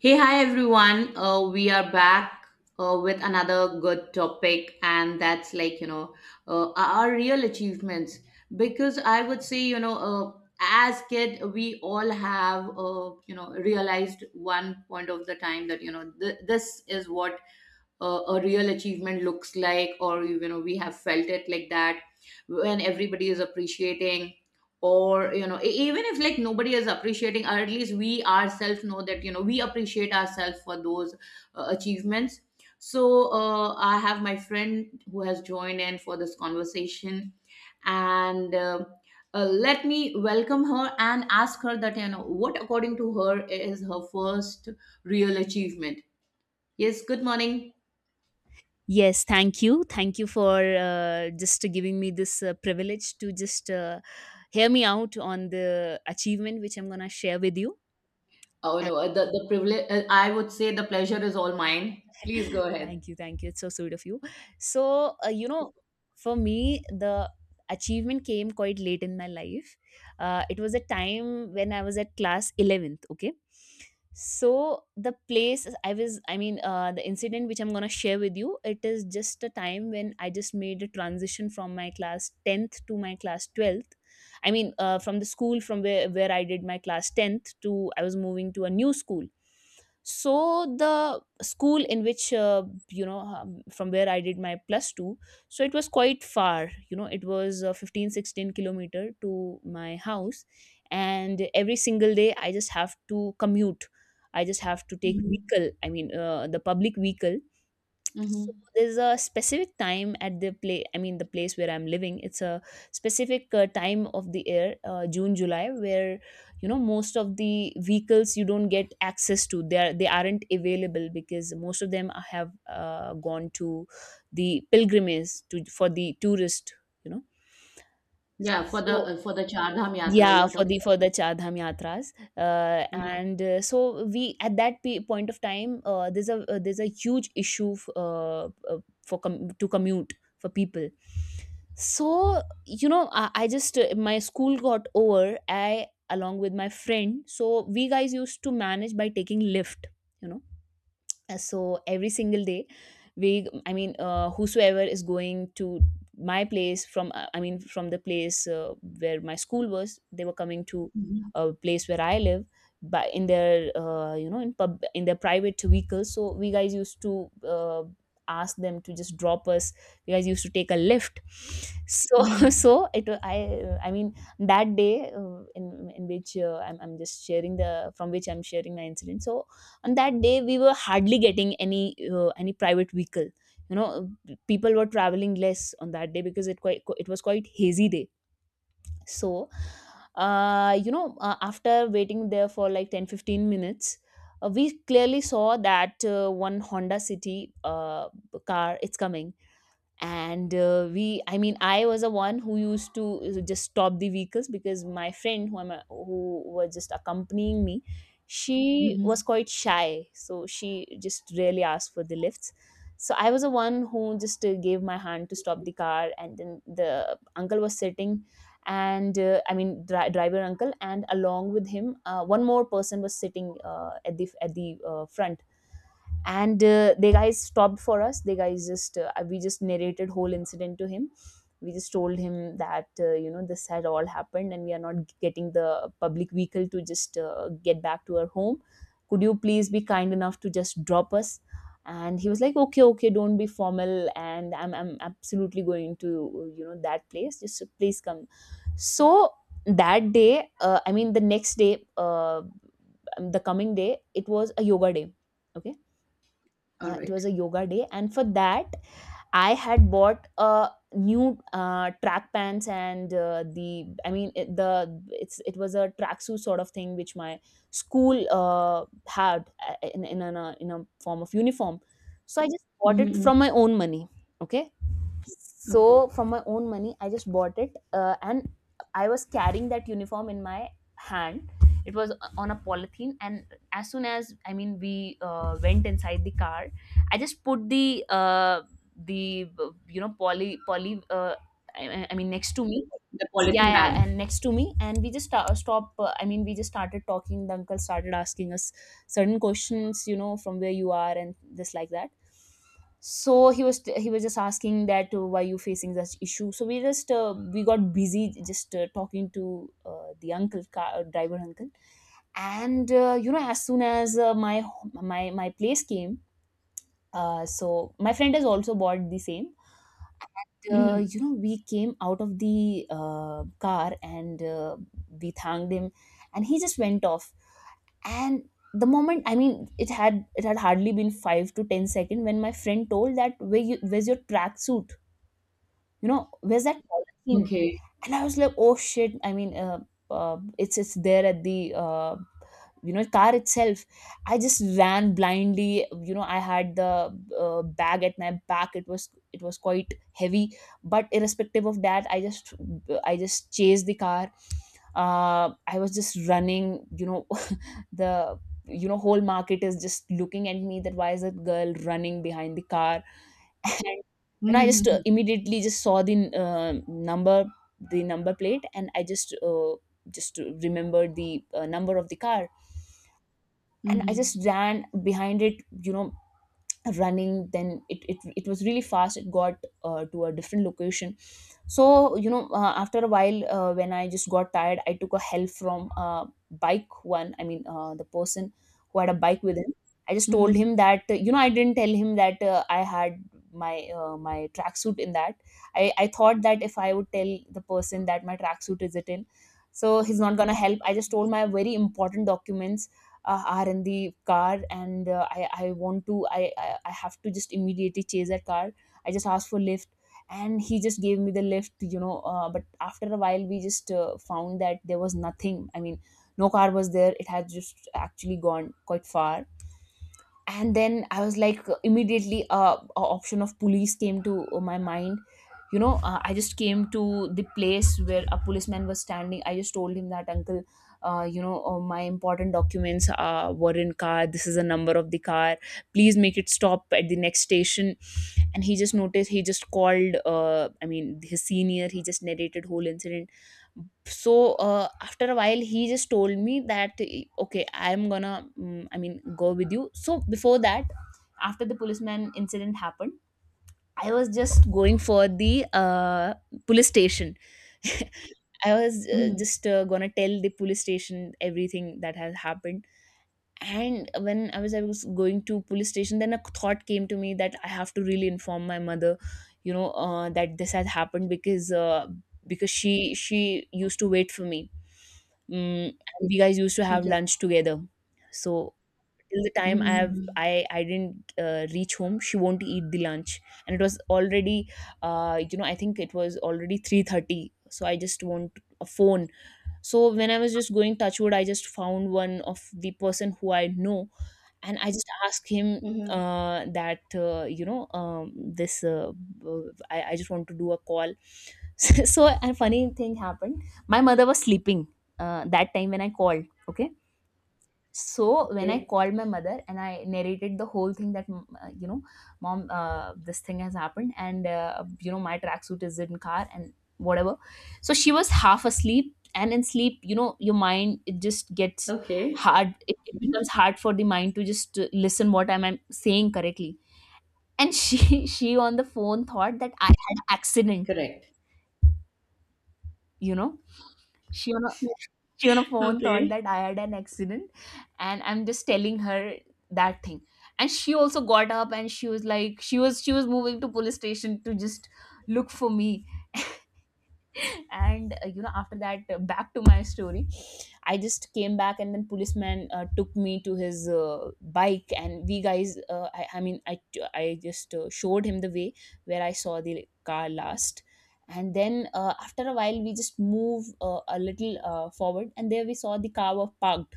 Hey, hi everyone. We are back with another good topic, and that's our real achievements. Because I would say, as kid, we all have, realized one point of the time that, this is what a real achievement looks like, or we have felt it like that when everybody is appreciating, or even if like nobody is appreciating, or at least we ourselves know that we appreciate ourselves for those achievements. So I have my friend who has joined in for this conversation, and let me welcome her and ask her that what according to her is her first real achievement. Yes, good morning. Yes, thank you. Thank you for just giving me this privilege to just hear me out on the achievement which I'm going to share with you. Oh no, the privilege. I would say the pleasure is all mine. Please go ahead. Thank you, thank you, it's so sweet of you. So, for me, the achievement came quite late in my life. It was a time when I was at class 11th. Okay. So the place I was I mean, the incident which I'm going to share with you, it is just a time when I just made a transition from my class 10th to my class 12th. I mean, from the school from where I did my class 10th, to I was moving to a new school. So the school in which, from where I did my plus 2, so it was quite far. It was 15 16 kilometer to my house. And every single day, I just have to commute. I just have to take vehicle, I mean, the public vehicle. So Mm-hmm. there's a specific time at the play, I mean, the place where I'm living. It's a specific, time of the year, June, July, where most of the vehicles you don't get access to, they aren't available, because most of them have gone to the pilgrimage, to, for the tourist, you know Yeah, so, for the Char Dham Yatra, yeah, you're for talking. the Char Dham yatras, Mm-hmm. and so we, at that point of time, there's a huge issue, for to commute for people. So, I just my school got over. I, along with my friend, so we guys used to manage by taking lift. You know so every single day, we, I mean, whosoever is going to my place from, I mean, from the place, where my school was, they were coming to Mm-hmm. a place where I live, by in their, in pub, in their private vehicles. So we guys used to, ask them to just drop us. We guys used to take a lift. So, so Mm-hmm. it wa- I I mean, that day, in which, I'm just sharing the, from which I'm sharing my incident, so, on that day we were hardly getting any private vehicle. you know People were traveling less on that day, because it was quite hazy day. So, after waiting there for like 10-15 minutes, we clearly saw that, one Honda City, car, it's coming. And we, I mean, I was the one who used to, just stop the vehicles, because my friend who was just accompanying me, she was Mm-hmm. quite shy, so she just really asked for the lifts. So I was the one who just gave my hand to stop the car, and then the uncle was sitting, and I mean, driver uncle, and along with him, one more person was sitting, at the front. And they guys stopped for us. They guys just, we just narrated whole incident to him. We just told him that, this had all happened, and we are not getting the public vehicle to just get back to our home. Could you please be kind enough to just drop us? And he was like, okay, okay, don't be formal, and I'm absolutely going to, that place, just, please come. So that day, I mean, the next day, the coming day, it was a yoga day. Okay. All It right. was a yoga day, and for that I had bought a new, track pants, and the, I mean, it, the, it was a tracksuit sort of thing, which my school had, in a form of uniform. So I just bought Mm-hmm. it Mm-hmm. from my own money. Okay. Okay. So from my own money, I just bought it, and I was carrying that uniform in my hand. It was on a polythene, and as soon as, I mean, we went inside the car, I just put the, the, poly, I mean, next to me, The yeah, polythene yeah, bag. and next to me, and we just sta- stop I mean, we just started talking. The uncle started asking us certain questions, from where you are, and this like that. So he was just asking that, why you facing this issue. So we just, we got busy just, talking to, the uncle, car driver uncle. And as soon as, my place came, so my friend has also bought the same. Mm-hmm. We came out of the, car, and we thanked him, and he just went off. And the moment, I mean, it had hardly been 5 to 10 seconds, when my friend told that, where's your tracksuit? Where's that polythene? Okay. And I was like, oh shit, I mean, it's there at the, car itself. I just ran blindly. I had the, bag at my back, it was quite heavy. But irrespective of that, I just chased the car. I was just running. The, whole market is just looking at me, that why is that girl running behind the car? And I just, Mm-hmm. immediately just saw the, uh, number number plate, and I just, just remembered the, number of the car, and I just Mm-hmm. ran behind it. you know Running, then it was really fast, it got, to a different location. So, after a while, when I just got tired, I took a help from, bike one, I mean, the person who had a bike with him. I just told Mm-hmm. him that, I didn't tell him that, I had my, tracksuit in that. I thought that if I would tell the person that my tracksuit is it in, so he's not gonna help. I just told, my very important documents, are in the car. And I want to I have to just immediately chase that car. I just asked for lift, and he just gave me the lift. But after a while, we just, found that there was nothing, I mean, no car was there. It had just actually gone quite far. And then I was like, immediately, a option of police came to, my mind. I just came to the place where a policeman was standing. I just told him that, uncle, my important documents, were in car, this is the number of the car, please make it stop at the next station. And he just noticed, he just called, I mean, his senior, he just narrated whole incident. So after a while, he just told me that, okay, I'm gonna, I mean, go with you. So before that, after the policeman incident happened, I was just going for the, police station. I was, Mm-hmm. just, gonna tell the police station everything that has happened. And when I was going to police station, then a thought came to me, that I have to really inform my mother. That this has happened, because she used to wait for me, Mm, and we guys used to have Okay. lunch together. So till the time I have Mm-hmm. I didn't reach home, she won't eat the lunch, and it was already, I think it was already 3:30. So I just want a phone. So when I was just going, touchwood, I just found one of the person who I know, and I just asked him, Mm-hmm. That, this, I just want to do a call. So a funny thing happened. My mother was sleeping, that time when I called. Okay. So when I Okay. called my mother and I narrated the whole thing, that, mom, this thing has happened, and my tracksuit is in car and whatever. So she was half asleep, and in sleep, your mind, it just gets Okay. hard. It becomes hard for the mind to just listen what I'm saying correctly. And she she on the phone thought that I had accident, Correct. you know she on a she on a phone thought Okay. that I had an accident, and I'm just telling her that thing. And she also got up and she was like, she was moving to police station to just look for me. And after that, back to my story. I just came back and then policeman took me to his bike. And we guys I just showed him the way where I saw the car last. And then after a while we just move a little forward, and there we saw the car was parked.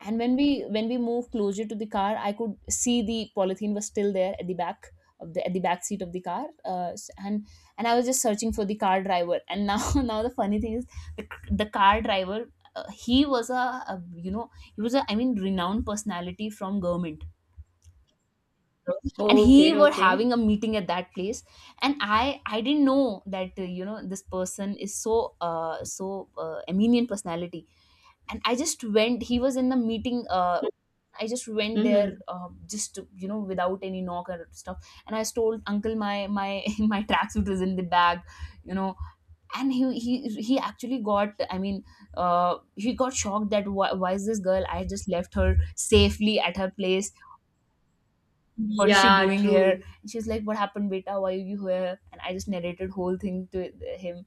And when we moved closer to the car, I could see the polythene was still there at the back of the at the back seat of the car and I was just searching for the car driver. And now now the funny thing is the, the car driver he was a you know he was a renowned personality from government. And he Okay. were Okay. having a meeting at that place. And i didn't know that this person is so eminent personality. And I just went, he was in the meeting. I just went there, Mm-hmm. Just to without any knock or stuff. And I told uncle my my tracksuit was in the bag, you know. And he actually got, he got shocked that, why is this girl? I just left her safely at her place. What is she Yeah. doing here? True. And she's like, what happened, beta, why are you here? And I just narrated whole thing to him.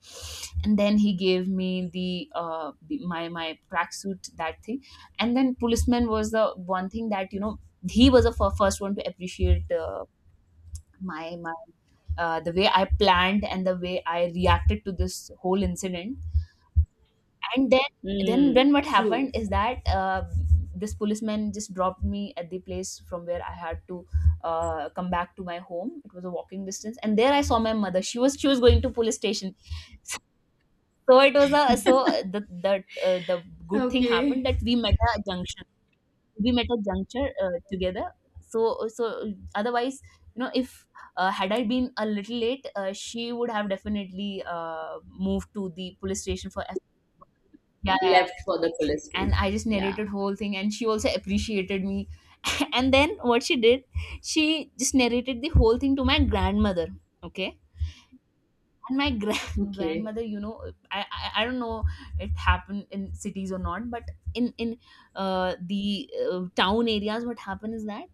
And then he gave me the uh my tracksuit, that thing. And then policeman was the one thing that you know, he was the first one to appreciate my my the way I planned and the way I reacted to this whole incident. And then then Mm. then what True. happened is that this policeman just dropped me at the place from where I had to come back to my home. It was a walking distance, and there I saw my mother, she was going to police station. So it was a so the the the good thing happened Okay. that we met a junction. We met a juncture together. So so otherwise, you know, if had I been a little late, she would have definitely uh, moved to the police station for. Yeah, yeah, yeah. Left for the police And station. I just Yeah. narrated whole thing, and she also appreciated me. And then what she did, she just narrated the whole thing to my grandmother. Okay. And my Okay. grandmother, you know, I don't know it happened in cities or not, but in the town areas, what happened is that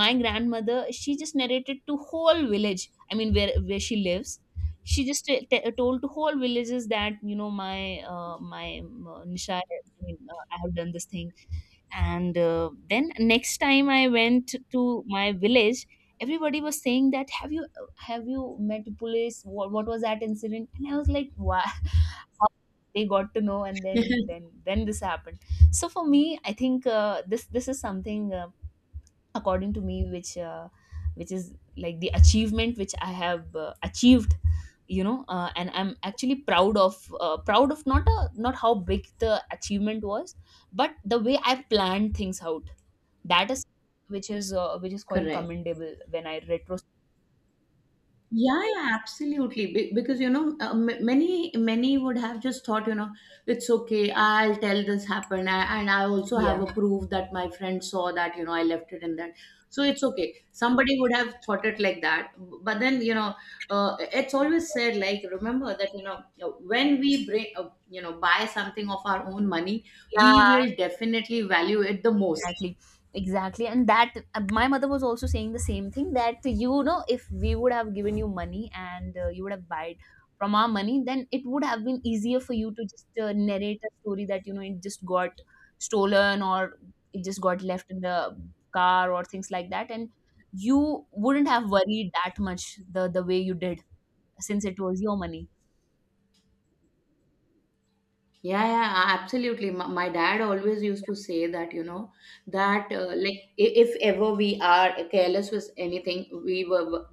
my grandmother, she just narrated to whole village, I mean where she lives. She just told to whole villages that, you know, my nisha, I mean, I have done this thing. And then next time I went to my village, everybody was saying that, have you met police, what was that incident? And I was like, wow. How they got to know? And then then then this happened. So for me, I think this this is something according to me which is like the achievement which I have achieved, you know. And I'm actually proud of, not a, not how big the achievement was, but the way I planned things out. That is, which is which is quite Correct. commendable when I retro. Yeah, yeah, absolutely. Because many many would have just thought, it's okay. I'll tell this happened, and I also have Yeah. a proof that my friend saw that I left it in that. So it's okay. Somebody would have thought it like that, but then it's always said like remember that when we bring buy something of our own money, we Yeah, will definitely value it the most. exactly. Exactly, and that my mother was also saying the same thing that, you know, if we would have given you money, and you would have bought from our money, then it would have been easier for you to just narrate a story that, you know, it just got stolen, or it just got left in the car, or things like that. And you wouldn't have worried that much the way you did, since it was your money. Yeah, yeah, absolutely. My dad always used to say that, that if ever we are careless with anything,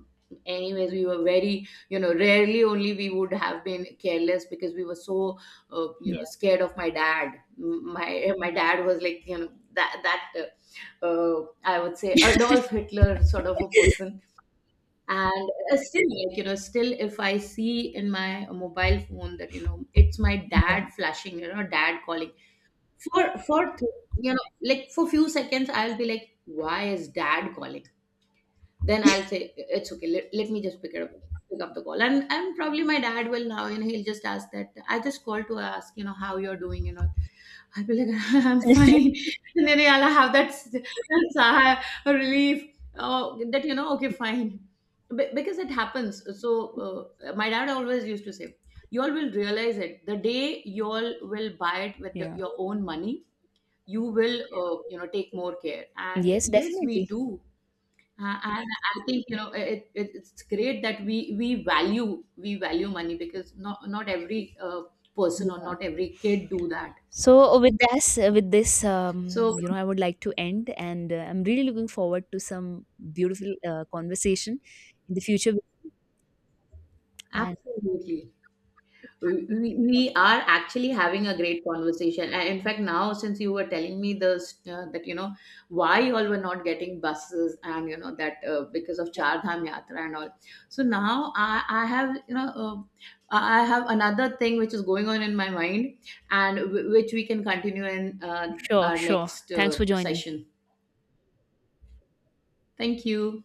anyways, we were very, rarely only we would have been careless because we were so, Yeah, scared of my dad. My dad was like, you know, that that I would say Adolf Hitler sort of a person. And still like still if I see in my mobile phone that it's my yeah, dad flashing, dad calling, for like for few seconds I'll be like, why is dad calling? Then I'll say, it's okay, let me just pick it up, pick up the call. And probably my dad will now, he'll just ask that, I just called to ask how you're doing and all. I'll be like, I'm fine. And then yeah, I'll have that, sigh of relief that, you know, okay, fine. Because it happens. So, my dad always used to say, you all will realize it. The day you all will buy it with the, yeah. your own money, you will, take more care. And Yes, yes, definitely. we do. And I think it's great that we value we value money because not every person or Yeah. not every kid do that. So with this, So you know, I would like to end, and I'm really looking forward to some beautiful conversation in the future. And absolutely. We are actually having a great conversation. And in fact, now since you were telling me this, that, why you all were not getting buses and, that because of Char Dham Yatra and all. So now I have, I have another thing which is going on in my mind and which we can continue in sure, our sure. next Thanks for joining. session. Thank you.